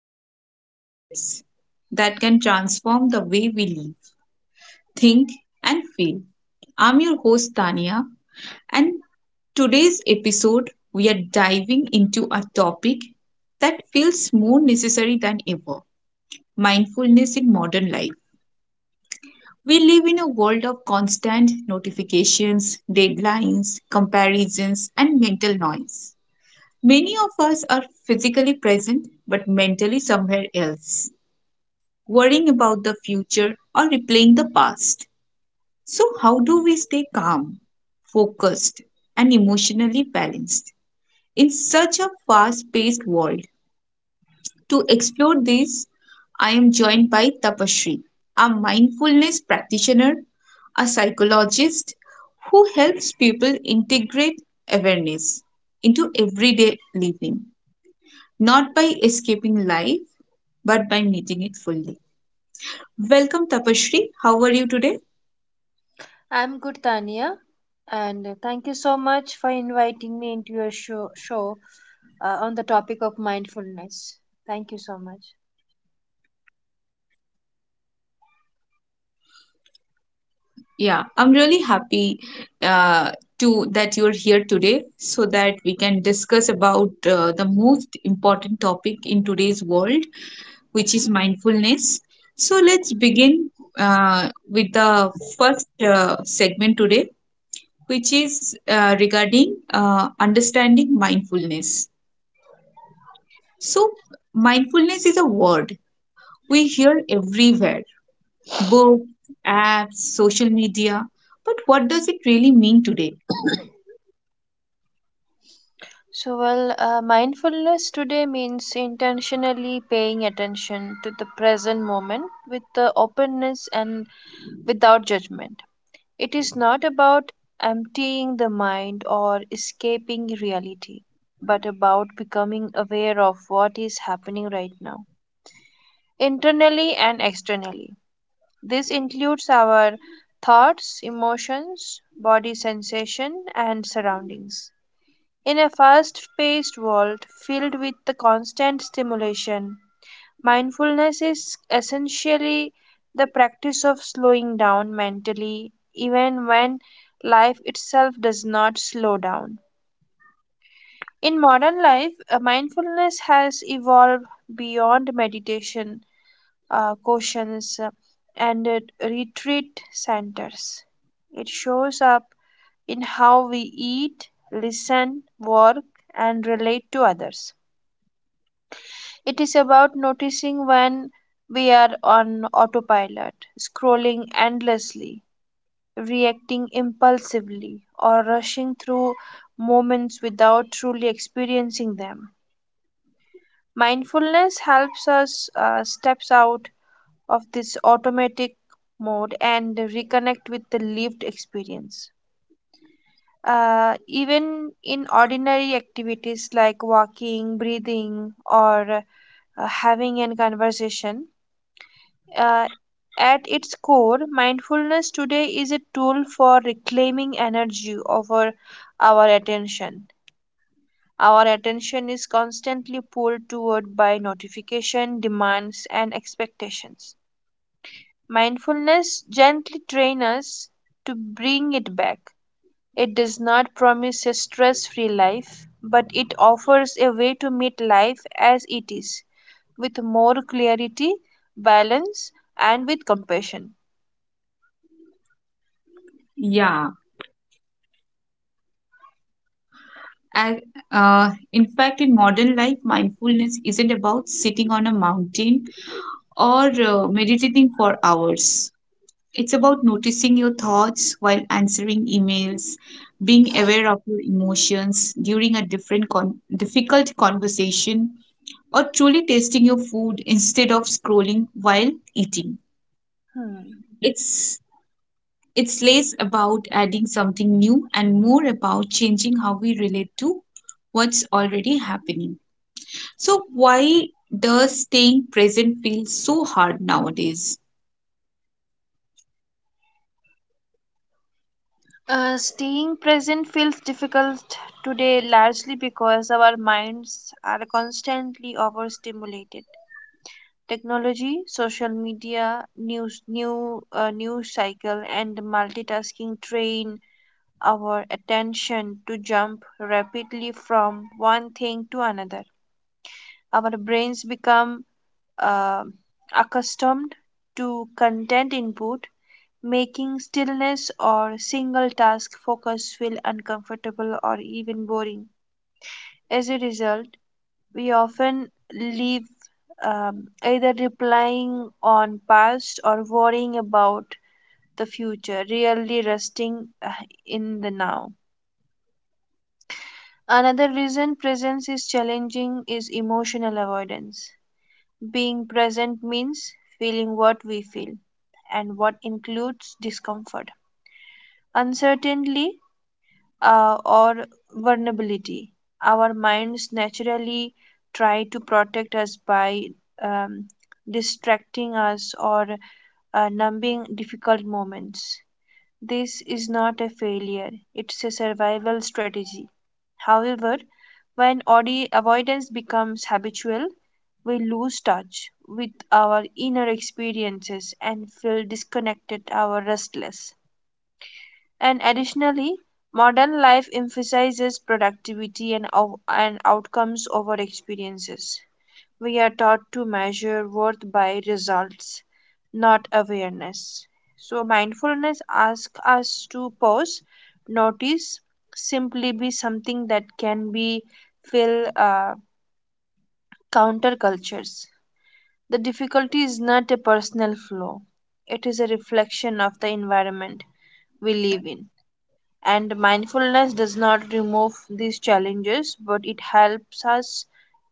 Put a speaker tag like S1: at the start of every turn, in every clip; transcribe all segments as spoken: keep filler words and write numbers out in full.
S1: yet powerful shifts that can transform the way we live, think, and feel. I'm your host, Tania, and today's episode we are diving into a topic that feels more necessary than ever mindfulness in modern life. We live in a world of constant notifications, deadlines, comparisons, and mental noise. Many of us are physically present but mentally somewhere else, worrying about the future or replaying the past. So, how do we stay calm, focused, and emotionally balanced in such a fast paced world? To explore this, I am joined by Tapashri, a mindfulness practitioner, a psychologist who helps people integrate awareness into everyday living, not by escaping life, but by meeting it fully. Welcome, Tapashri. How are you today?
S2: I'm good, Tania, and thank you so much for inviting me into your show, show uh, on the topic of mindfulness. Thank you so much.
S1: Yeah, I'm really happy uh, to that you're here today so that we can discuss about uh, the most important topic in today's world, which is mindfulness. So let's begin uh, with the first uh, segment today, which is uh, regarding uh, understanding mindfulness. So mindfulness is a word we hear everywhere, books, apps, social media. But what does it really mean today?
S2: So, well, uh, mindfulness today means intentionally paying attention to the present moment with the openness and without judgment. It is not about emptying the mind or escaping reality, but about becoming aware of what is happening right now, internally and externally. This includes our thoughts, emotions, body sensation, and surroundings. In a fast paced world filled with the constant stimulation, mindfulness is essentially the practice of slowing down mentally, even when life itself does not slow down. In modern life, uh, mindfulness has evolved beyond meditation uh, questions uh, and uh, retreat centers. It shows up in how we eat, listen, work, and relate to others. It is about noticing when we are on autopilot, scrolling endlessly, reacting impulsively, or rushing through moments without truly experiencing them. Mindfulness helps us uh, steps out of this automatic mode and reconnect with the lived experience. Uh, even in ordinary activities like walking, breathing, or uh, having a conversation, uh, at its core, mindfulness today is a tool for reclaiming energy over our attention. Our attention is constantly pulled toward by notification, demands, and expectations. Mindfulness gently trains us to bring it back. It does not promise a stress free life, but it offers a way to meet life as it is with more clarity, balance, and with compassion.
S1: Yeah, and uh, in fact, in modern life, mindfulness isn't about sitting on a mountain or uh, meditating for hours. It's about noticing your thoughts while answering emails, being aware of your emotions during a different con difficult conversation, or truly tasting your food instead of scrolling while eating.
S2: Hmm.
S1: It's it's less about adding something new and more about changing how we relate to what's already happening. So, why does staying present feel so hard nowadays?
S2: Uh, staying present feels difficult today largely because our minds are constantly overstimulated. Technology, social media, news, new uh, news cycle, and multitasking train our attention to jump rapidly from one thing to another. Our brains become uh, accustomed to content input, making stillness or single task focus feel uncomfortable or even boring. As a result, we often leave um, either replying on past or worrying about the future, rarely resting uh, in the now. Another reason presence is challenging is emotional avoidance. Being present means feeling what we feel and what includes discomfort, uncertainty, uh, or vulnerability. Our minds naturally try to protect us by um, distracting us or uh, numbing difficult moments. This is not a failure, it's a survival strategy. However, when audi- avoidance becomes habitual, we lose touch with our inner experiences and feel disconnected or restless. And additionally, modern life emphasizes productivity and, ou- and outcomes over experiences. We are taught to measure worth by results, not awareness. So, mindfulness asks us to pause, notice, simply be something that can be fill uh, countercultures. The difficulty is not a personal flaw, it is a reflection of the environment we live in. And mindfulness does not remove these challenges, but it helps us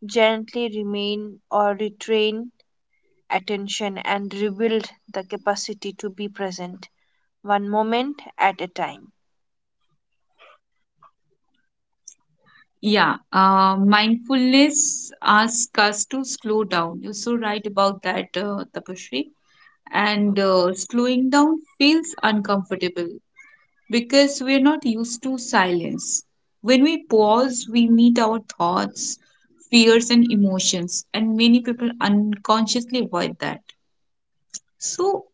S2: gently remain or retrain attention and rebuild the capacity to be present one moment at a time.
S1: Yeah, uh, mindfulness asks us to slow down. You're so right about that, uh, Tapashri. And uh, slowing down feels uncomfortable because we're not used to silence. When we pause, we meet our thoughts, fears, and emotions, and many people unconsciously avoid that. So,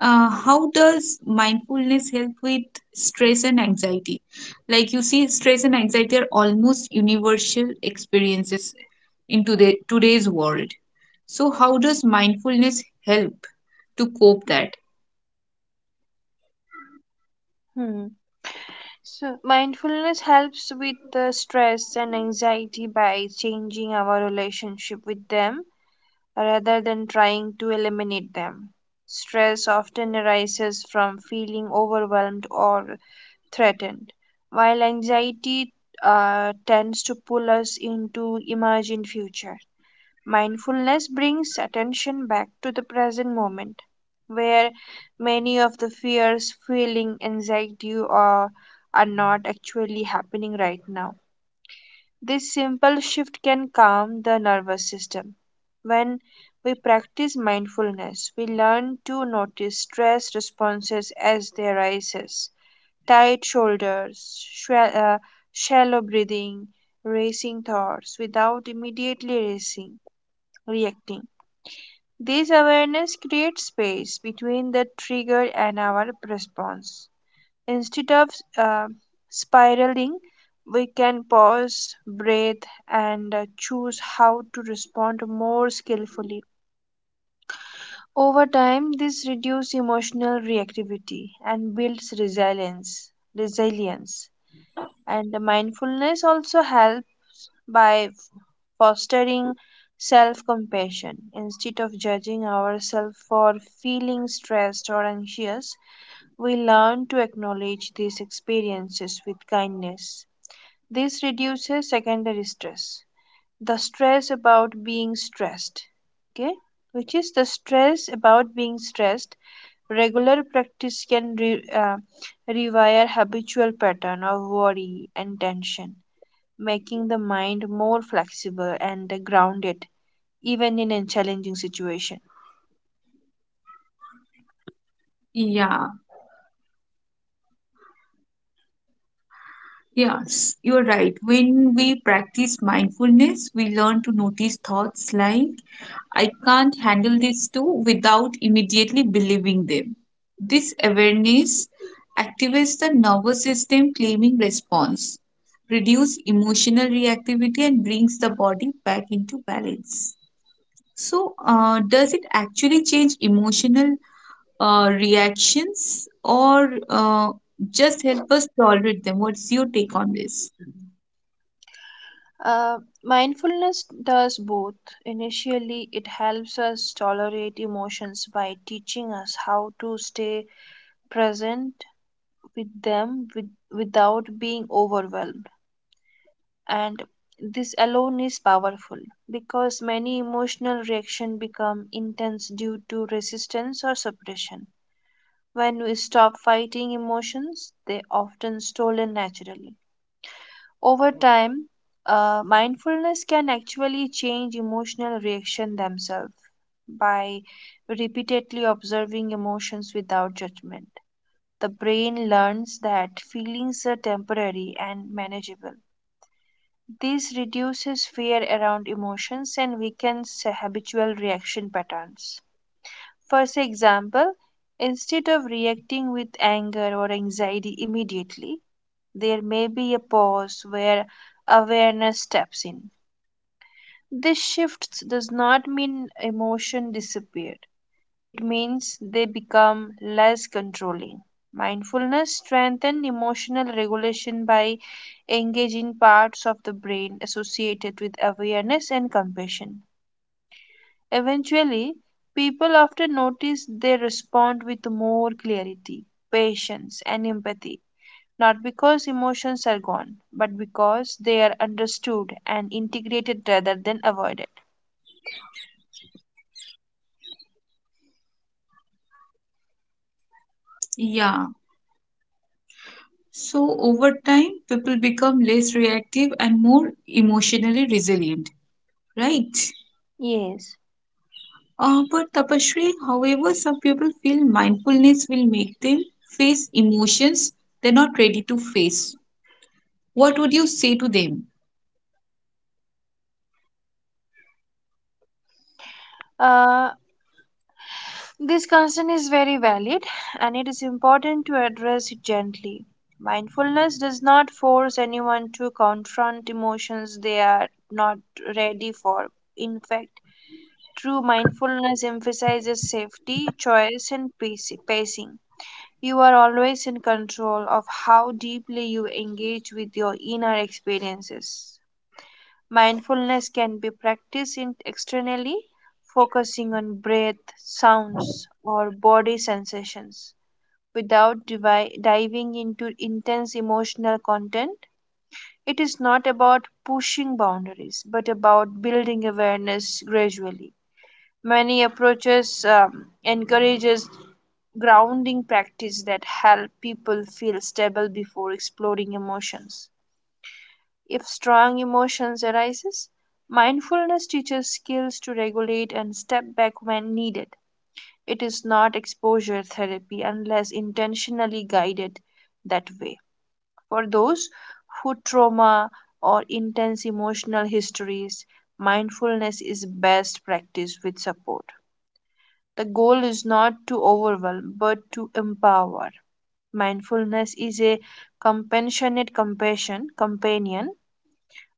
S1: uh, how does mindfulness help with stress and anxiety? Like you see, stress and anxiety are almost universal experiences into the today's world. So, how does mindfulness help to cope that?
S2: Hmm. So, mindfulness helps with the stress and anxiety by changing our relationship with them rather than trying to eliminate them. Stress often arises from feeling overwhelmed or threatened, while anxiety uh, tends to pull us into imagined future. Mindfulness brings attention back to the present moment, where many of the fears, feeling, anxiety, or are not actually happening right now. This simple shift can calm the nervous system. When we practice mindfulness, we learn to notice stress responses as they arises. Tight shoulders, sh- uh, shallow breathing, racing thoughts without immediately racing, reacting. This awareness creates space between the trigger and our response. Instead of uh, spiraling, we can pause, breathe, and uh, choose how to respond more skillfully. Over time, this reduces emotional reactivity and builds resilience. Resilience and mindfulness also help by fostering self compassion. Instead of judging ourselves for feeling stressed or anxious, we learn to acknowledge these experiences with kindness. This reduces secondary stress, the stress about being stressed. Okay, which is the stress about being stressed. Regular practice can re- uh, rewire habitual pattern of worry and tension making the mind more flexible and grounded even in a challenging situation.
S1: Yeah, yes, you're right. When we practice mindfulness, we learn to notice thoughts like I can't handle this too without immediately believing them. This awareness activates the nervous system claiming response, reduce emotional reactivity and brings the body back into balance. So, uh, does it actually change emotional uh, reactions or uh, just help us tolerate them? What's your take on this?
S2: Uh, Mindfulness does both. Initially, it helps us tolerate emotions by teaching us how to stay present with them with, without being overwhelmed. And this alone is powerful because many emotional reactions become intense due to resistance or suppression. When we stop fighting emotions, they often stolen naturally. Over time, uh, mindfulness can actually change emotional reaction themselves by repeatedly observing emotions without judgment. The brain learns that feelings are temporary and manageable. This reduces fear around emotions and weakens habitual reaction patterns. For example, instead of reacting with anger or anxiety immediately, there may be a pause where awareness steps in. This shift does not mean emotion disappeared. It means they become less controlling. Mindfulness strengthens emotional regulation by engaging parts of the brain associated with awareness and compassion. Eventually, people often notice they respond with more clarity, patience, and empathy, not because emotions are gone, but because they are understood and integrated rather than avoided.
S1: Yeah. So over time, people become less reactive and more emotionally resilient, right?
S2: Yes.
S1: Uh, but Tapashri, however, some people feel mindfulness will make them face emotions they're not ready to face. What would you say to them?
S2: Uh, this concern is very valid and it is important to address it gently. Mindfulness does not force anyone to confront emotions they are not ready for. In fact, true mindfulness emphasizes safety, choice, and paci- pacing. You are always in control of how deeply you engage with your inner experiences. Mindfulness can be practiced in- externally, focusing on breath, sounds, or body sensations without divi- diving into intense emotional content. It is not about pushing boundaries, but about building awareness gradually. Many approaches um, encourages grounding practice that help people feel stable before exploring emotions. If strong emotions arises, mindfulness teaches skills to regulate and step back when needed. It is not exposure therapy unless intentionally guided that way. For those who trauma or intense emotional histories, mindfulness is best practiced with support. The goal is not to overwhelm, but to empower. Mindfulness is a compassionate compassion companion.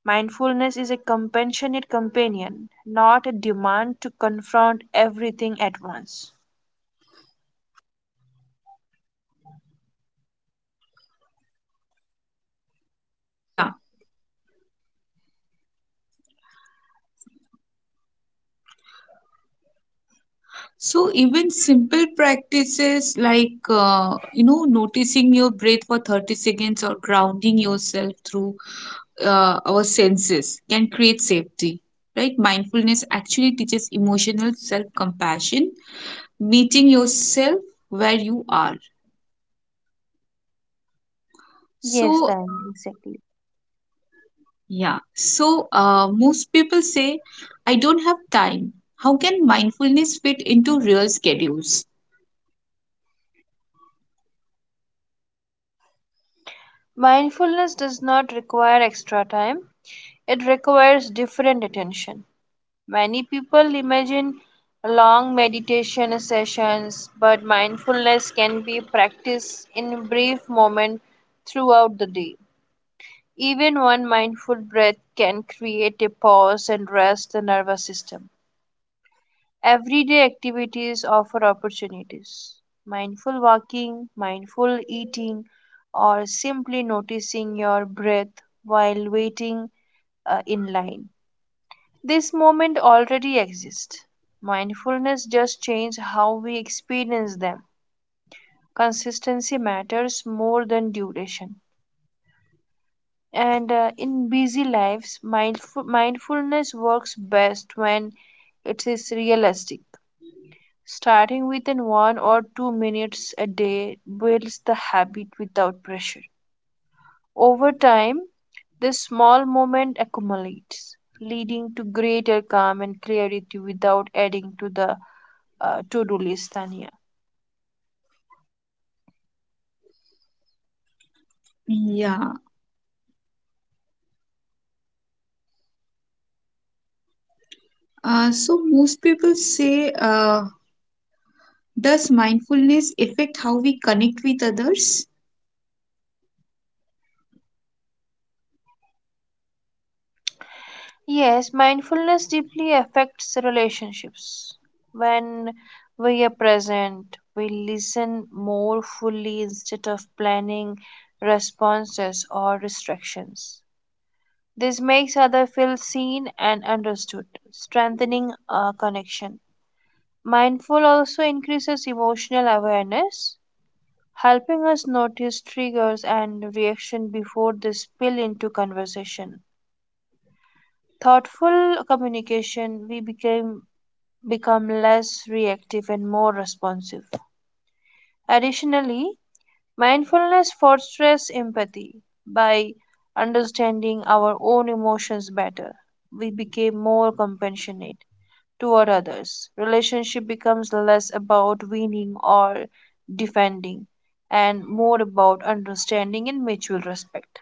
S2: Mindfulness is a compassionate companion, not a demand to confront everything at once.
S1: Yeah. So even simple practices like uh, you know noticing your breath for thirty seconds or grounding yourself through uh, our senses can create safety, right? Mindfulness actually teaches emotional self compassion, meeting yourself where you are.
S2: Yes,
S1: So
S2: then exactly.
S1: yeah, so uh, most people say I don't have time. How can mindfulness fit into real schedules?
S2: Mindfulness does not require extra time. It requires different attention. Many people imagine long meditation sessions, but mindfulness can be practiced in brief moments throughout the day. Even one mindful breath can create a pause and rest the nervous system. Everyday activities offer opportunities. Mindful walking, mindful eating, or simply noticing your breath while waiting uh, in line this moment already exists. Mindfulness just changes how we experience them. Consistency matters more than duration. And uh, in busy lives, mindful- mindfulness works best when it is realistic. Starting within one or two minutes a day builds the habit without pressure. Over time, this small moment accumulates, leading to greater calm and clarity without adding to the uh, to do list, Tanya.
S1: Yeah. Uh, so most people say, uh, does mindfulness affect how we connect with others?
S2: Yes, mindfulness deeply affects relationships. When we are present, we listen more fully instead of planning responses or distractions. This makes others feel seen and understood, strengthening a connection. Mindful also increases emotional awareness, helping us notice triggers and reaction before they spill into conversation. Thoughtful communication, we became, become less reactive and more responsive. Additionally, mindfulness fosters empathy by understanding our own emotions better. We became more compassionate toward others. Relationship becomes less about winning or defending and more about understanding and mutual respect.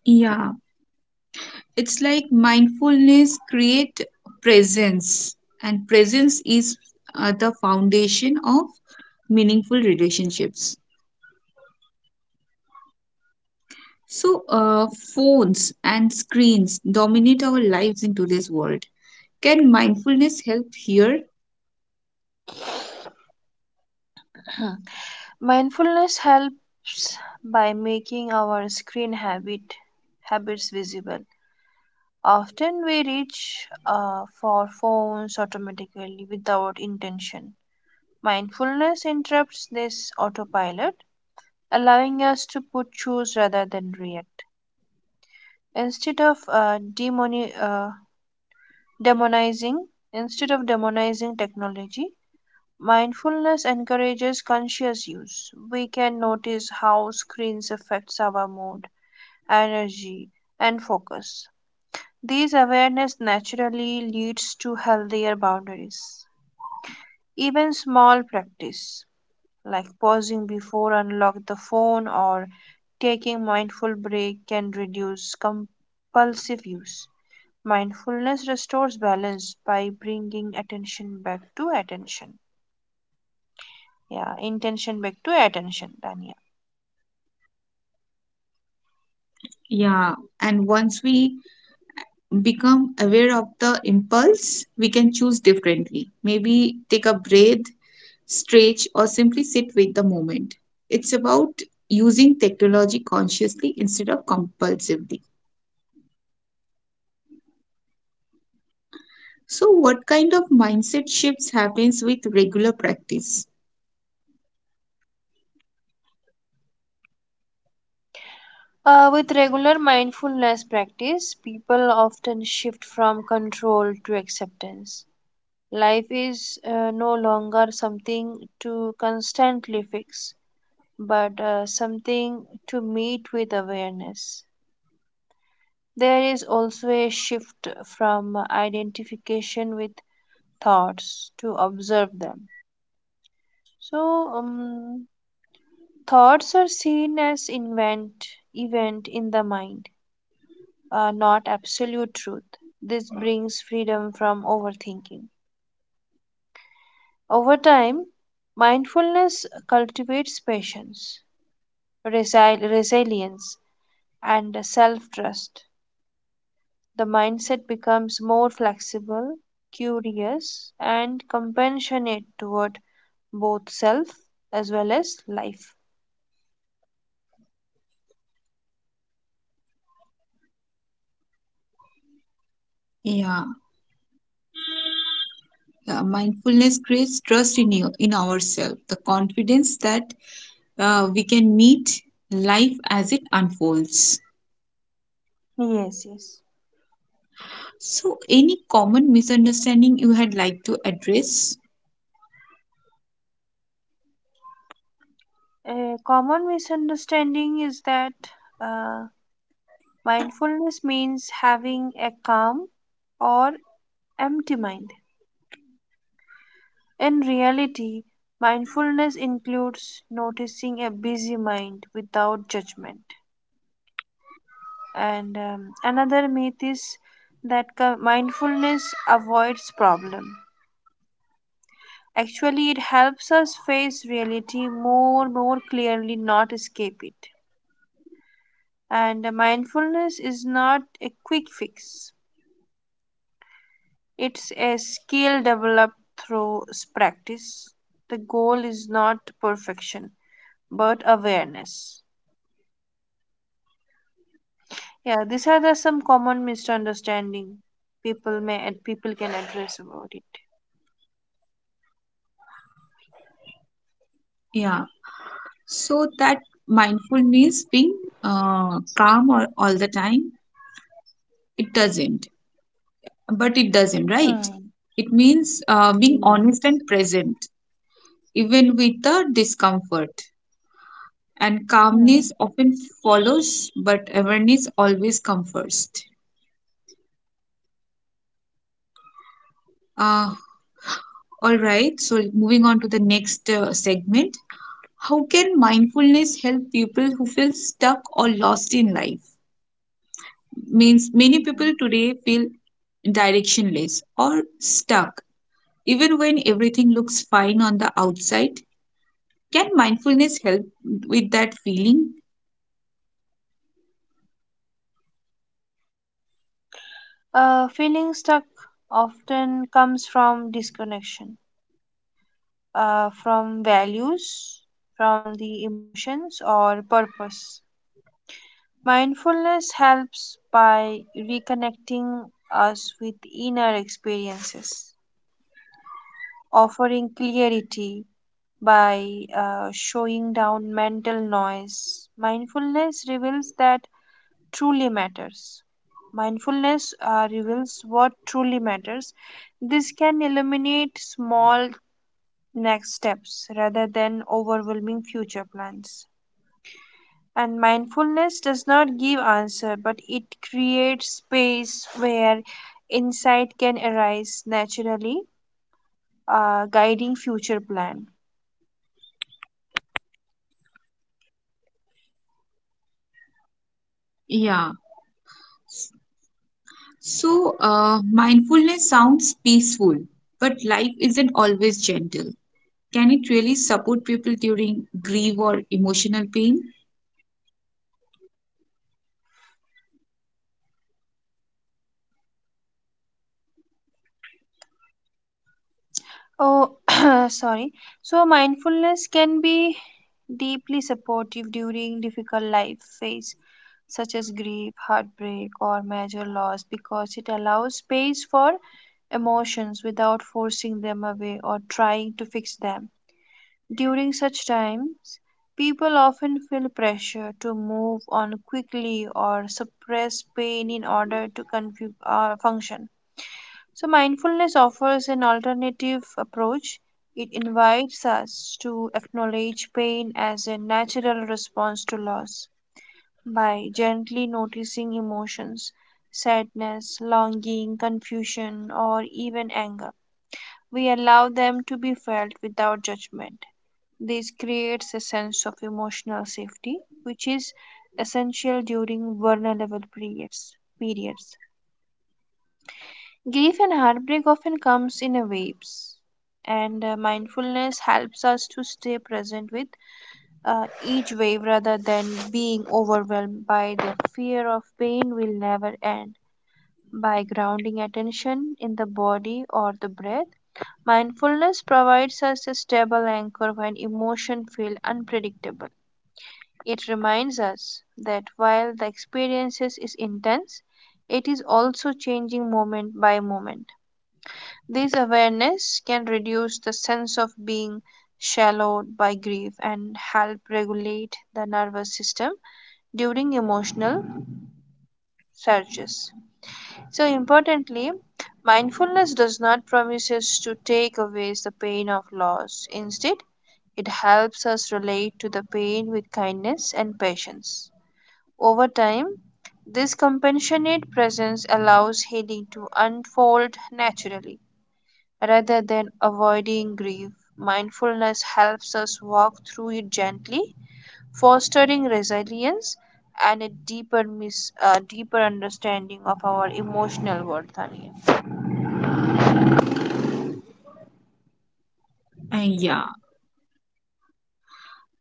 S1: Yeah, it's like mindfulness create presence, and presence is uh, the foundation of meaningful relationships. So, uh, phones and screens dominate our lives in today's world. Can mindfulness help here?
S2: Mindfulness helps by making our screen habit habits visible. Often we reach uh, for phones automatically without intention. Mindfulness interrupts this autopilot, allowing us to put choose rather than react. Instead of uh, demoni- uh, Demonizing Instead of demonizing technology, mindfulness encourages conscious use. We can notice how screens affects our mood, energy, and focus. This awareness naturally leads to healthier boundaries. Even small practice like pausing before unlock the phone or taking mindful break can reduce compulsive use. Mindfulness restores balance by bringing attention back to attention. Yeah, intention back to attention, Tanya.
S1: Yeah, and once we become aware of the impulse, we can choose differently. Maybe take a breath, stretch, or simply sit with the moment. It's about using technology consciously instead of compulsively. So, what kind of mindset shifts happens with regular practice?
S2: Uh, with regular mindfulness practice, people often shift from control to acceptance. Life is uh, no longer something to constantly fix, but uh, something to meet with awareness. There is also a shift from identification with thoughts to observe them. So, um, thoughts are seen as invent event in the mind, uh, not absolute truth. This brings freedom from overthinking. Over time, mindfulness cultivates patience, resi- resilience, and self-trust. The mindset becomes more flexible, curious, and compassionate toward both self as well as life.
S1: Yeah, yeah, mindfulness creates trust in you, in ourselves, the confidence that uh, we can meet life as it unfolds.
S2: Yes, yes.
S1: So, any common misunderstanding you had like to address?
S2: A common misunderstanding is that uh, mindfulness means having a calm or empty mind. In reality, mindfulness includes noticing a busy mind without judgment. And um, another myth is that co- mindfulness avoids problem. Actually, it helps us face reality more more clearly, not escape it. And mindfulness is not a quick fix. It's a skill developed through practice. The goal is not perfection, but awareness. Yeah, these are the some common misunderstanding people may and people can address about it.
S1: Yeah. So that mindful means being uh, calm all, all the time. It doesn't. But it doesn't, right?
S2: Hmm.
S1: It means uh, being
S2: Mm.
S1: honest and present, even with the discomfort. And
S2: Hmm.
S1: calmness often follows, but awareness always comes first. Uh, all right. So moving on to the next uh, segment. How can mindfulness help people who feel stuck or lost in life? Means many people today feel directionless or stuck even when everything looks fine on the outside. Can mindfulness help with that feeling?
S2: Uh, feeling stuck often comes from disconnection, uh, from values, from the emotions or purpose. Mindfulness helps by reconnecting us with inner experiences, offering clarity by uh, showing down mental noise. Mindfulness reveals that truly matters. Mindfulness uh, reveals what truly matters. This can eliminate small next steps rather than overwhelming future plans. And mindfulness does not give answer, but it creates space where insight can arise naturally, uh, guiding future plan.
S1: Yeah, so uh, mindfulness sounds peaceful, but life isn't always gentle. Can it really support people during grief or emotional pain?
S2: Oh, sorry. So mindfulness can be deeply supportive during difficult life phase such as grief, heartbreak, or major loss because it allows space for emotions without forcing them away or trying to fix them. During such times, people often feel pressure to move on quickly or suppress pain in order to confu- uh, function. So, mindfulness offers an alternative approach. It invites us to acknowledge pain as a natural response to loss by gently noticing emotions, sadness, longing, confusion, or even anger. We allow them to be felt without judgment. This creates a sense of emotional safety, which is essential during vulnerable periods. periods. Grief and heartbreak often comes in waves, and uh, mindfulness helps us to stay present with uh, each wave rather than being overwhelmed by the fear of pain will never end. By grounding attention in the body or the breath, mindfulness provides us a stable anchor when emotions feel unpredictable. It reminds us that while the experience is intense, it is also changing moment by moment. This awareness can reduce the sense of being shallowed by grief and help regulate the nervous system during emotional surges. So importantly, mindfulness does not promise us to take away the pain of loss. Instead, it helps us relate to the pain with kindness and patience. Over time, this compassionate presence allows healing to unfold naturally. Rather than avoiding grief, mindfulness helps us walk through it gently, fostering resilience and a deeper, mis- uh, deeper understanding of our emotional worth. Tanya.
S1: Uh, yeah,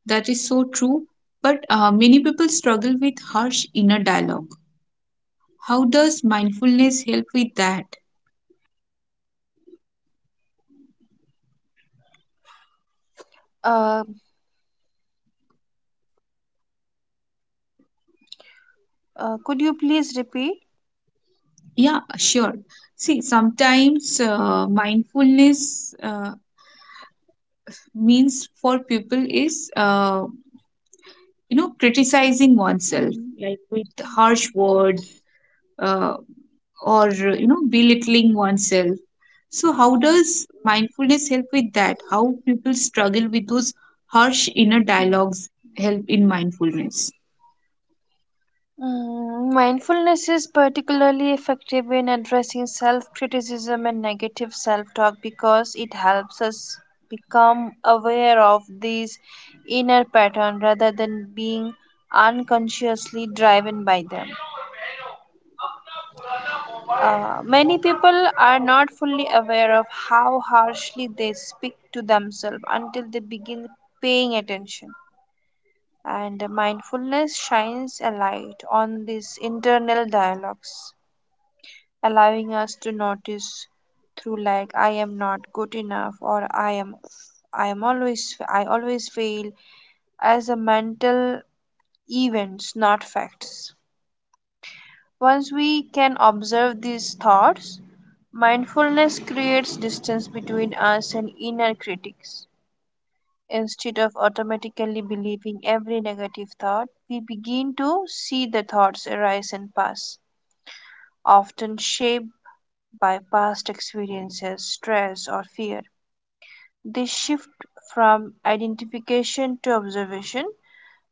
S1: that is so true. But uh, many people struggle with harsh inner dialogue. How does mindfulness help with that?
S2: Uh, uh, could you please repeat?
S1: Yeah, sure. See, sometimes uh, mindfulness uh, means for people is, uh, you know, criticizing oneself,
S2: Mm.
S1: like with harsh words uh, or, you know, belittling oneself. So, how does mindfulness help with that? How people struggle with those harsh inner dialogues help in mindfulness?
S2: Mindfulness is particularly effective in addressing self criticism and negative self talk because it helps us become aware of these inner patterns rather than being unconsciously driven by them. Uh, many people are not fully aware of how harshly they speak to themselves until they begin paying attention. And mindfulness shines a light on these internal dialogues, allowing us to notice through like I am not good enough or I am I am always I always fail as a mental events, not facts. Once we can observe these thoughts, mindfulness creates distance between us and inner critics. Instead of automatically believing every negative thought, we begin to see the thoughts arise and pass, often shaped by past experiences, stress, or fear. This shift from identification to observation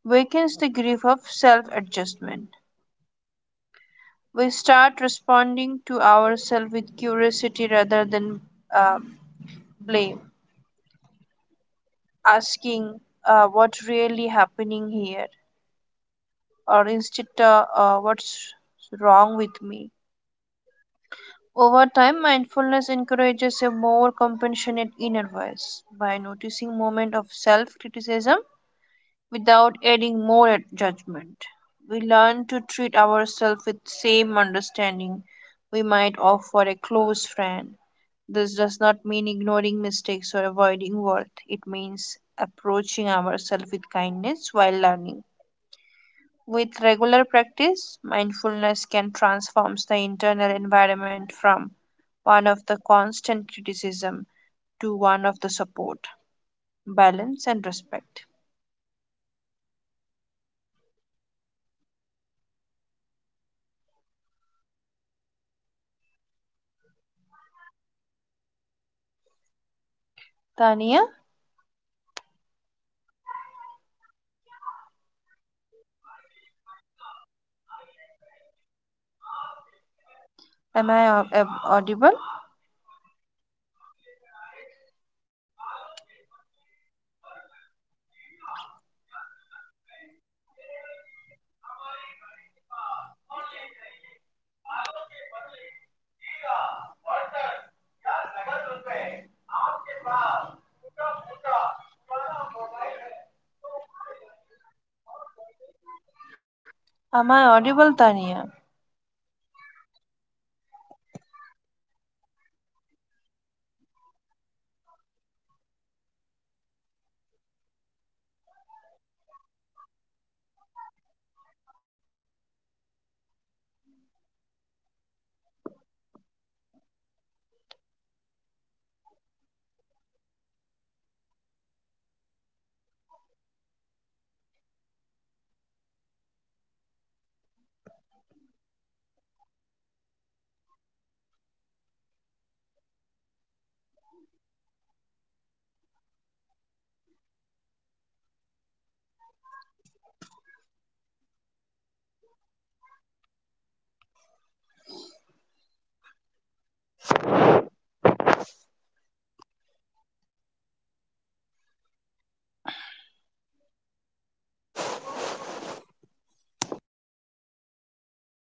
S2: wakens the grief of self adjustment. We start responding to ourselves with curiosity rather than uh, blame, asking uh, what really happening here or instead uh, uh, what's wrong with me. Over time, mindfulness encourages a more compassionate inner voice by noticing moments of self-criticism without adding more judgment. We learn to treat ourselves with same understanding we might offer a close friend. This does not mean ignoring mistakes or avoiding worth. It means approaching ourselves with kindness while learning. With regular practice, mindfulness can transform the internal environment from one of the constant criticism to one of the support, balance, and respect. Tania, am I au- audible? Am I audible, Tania?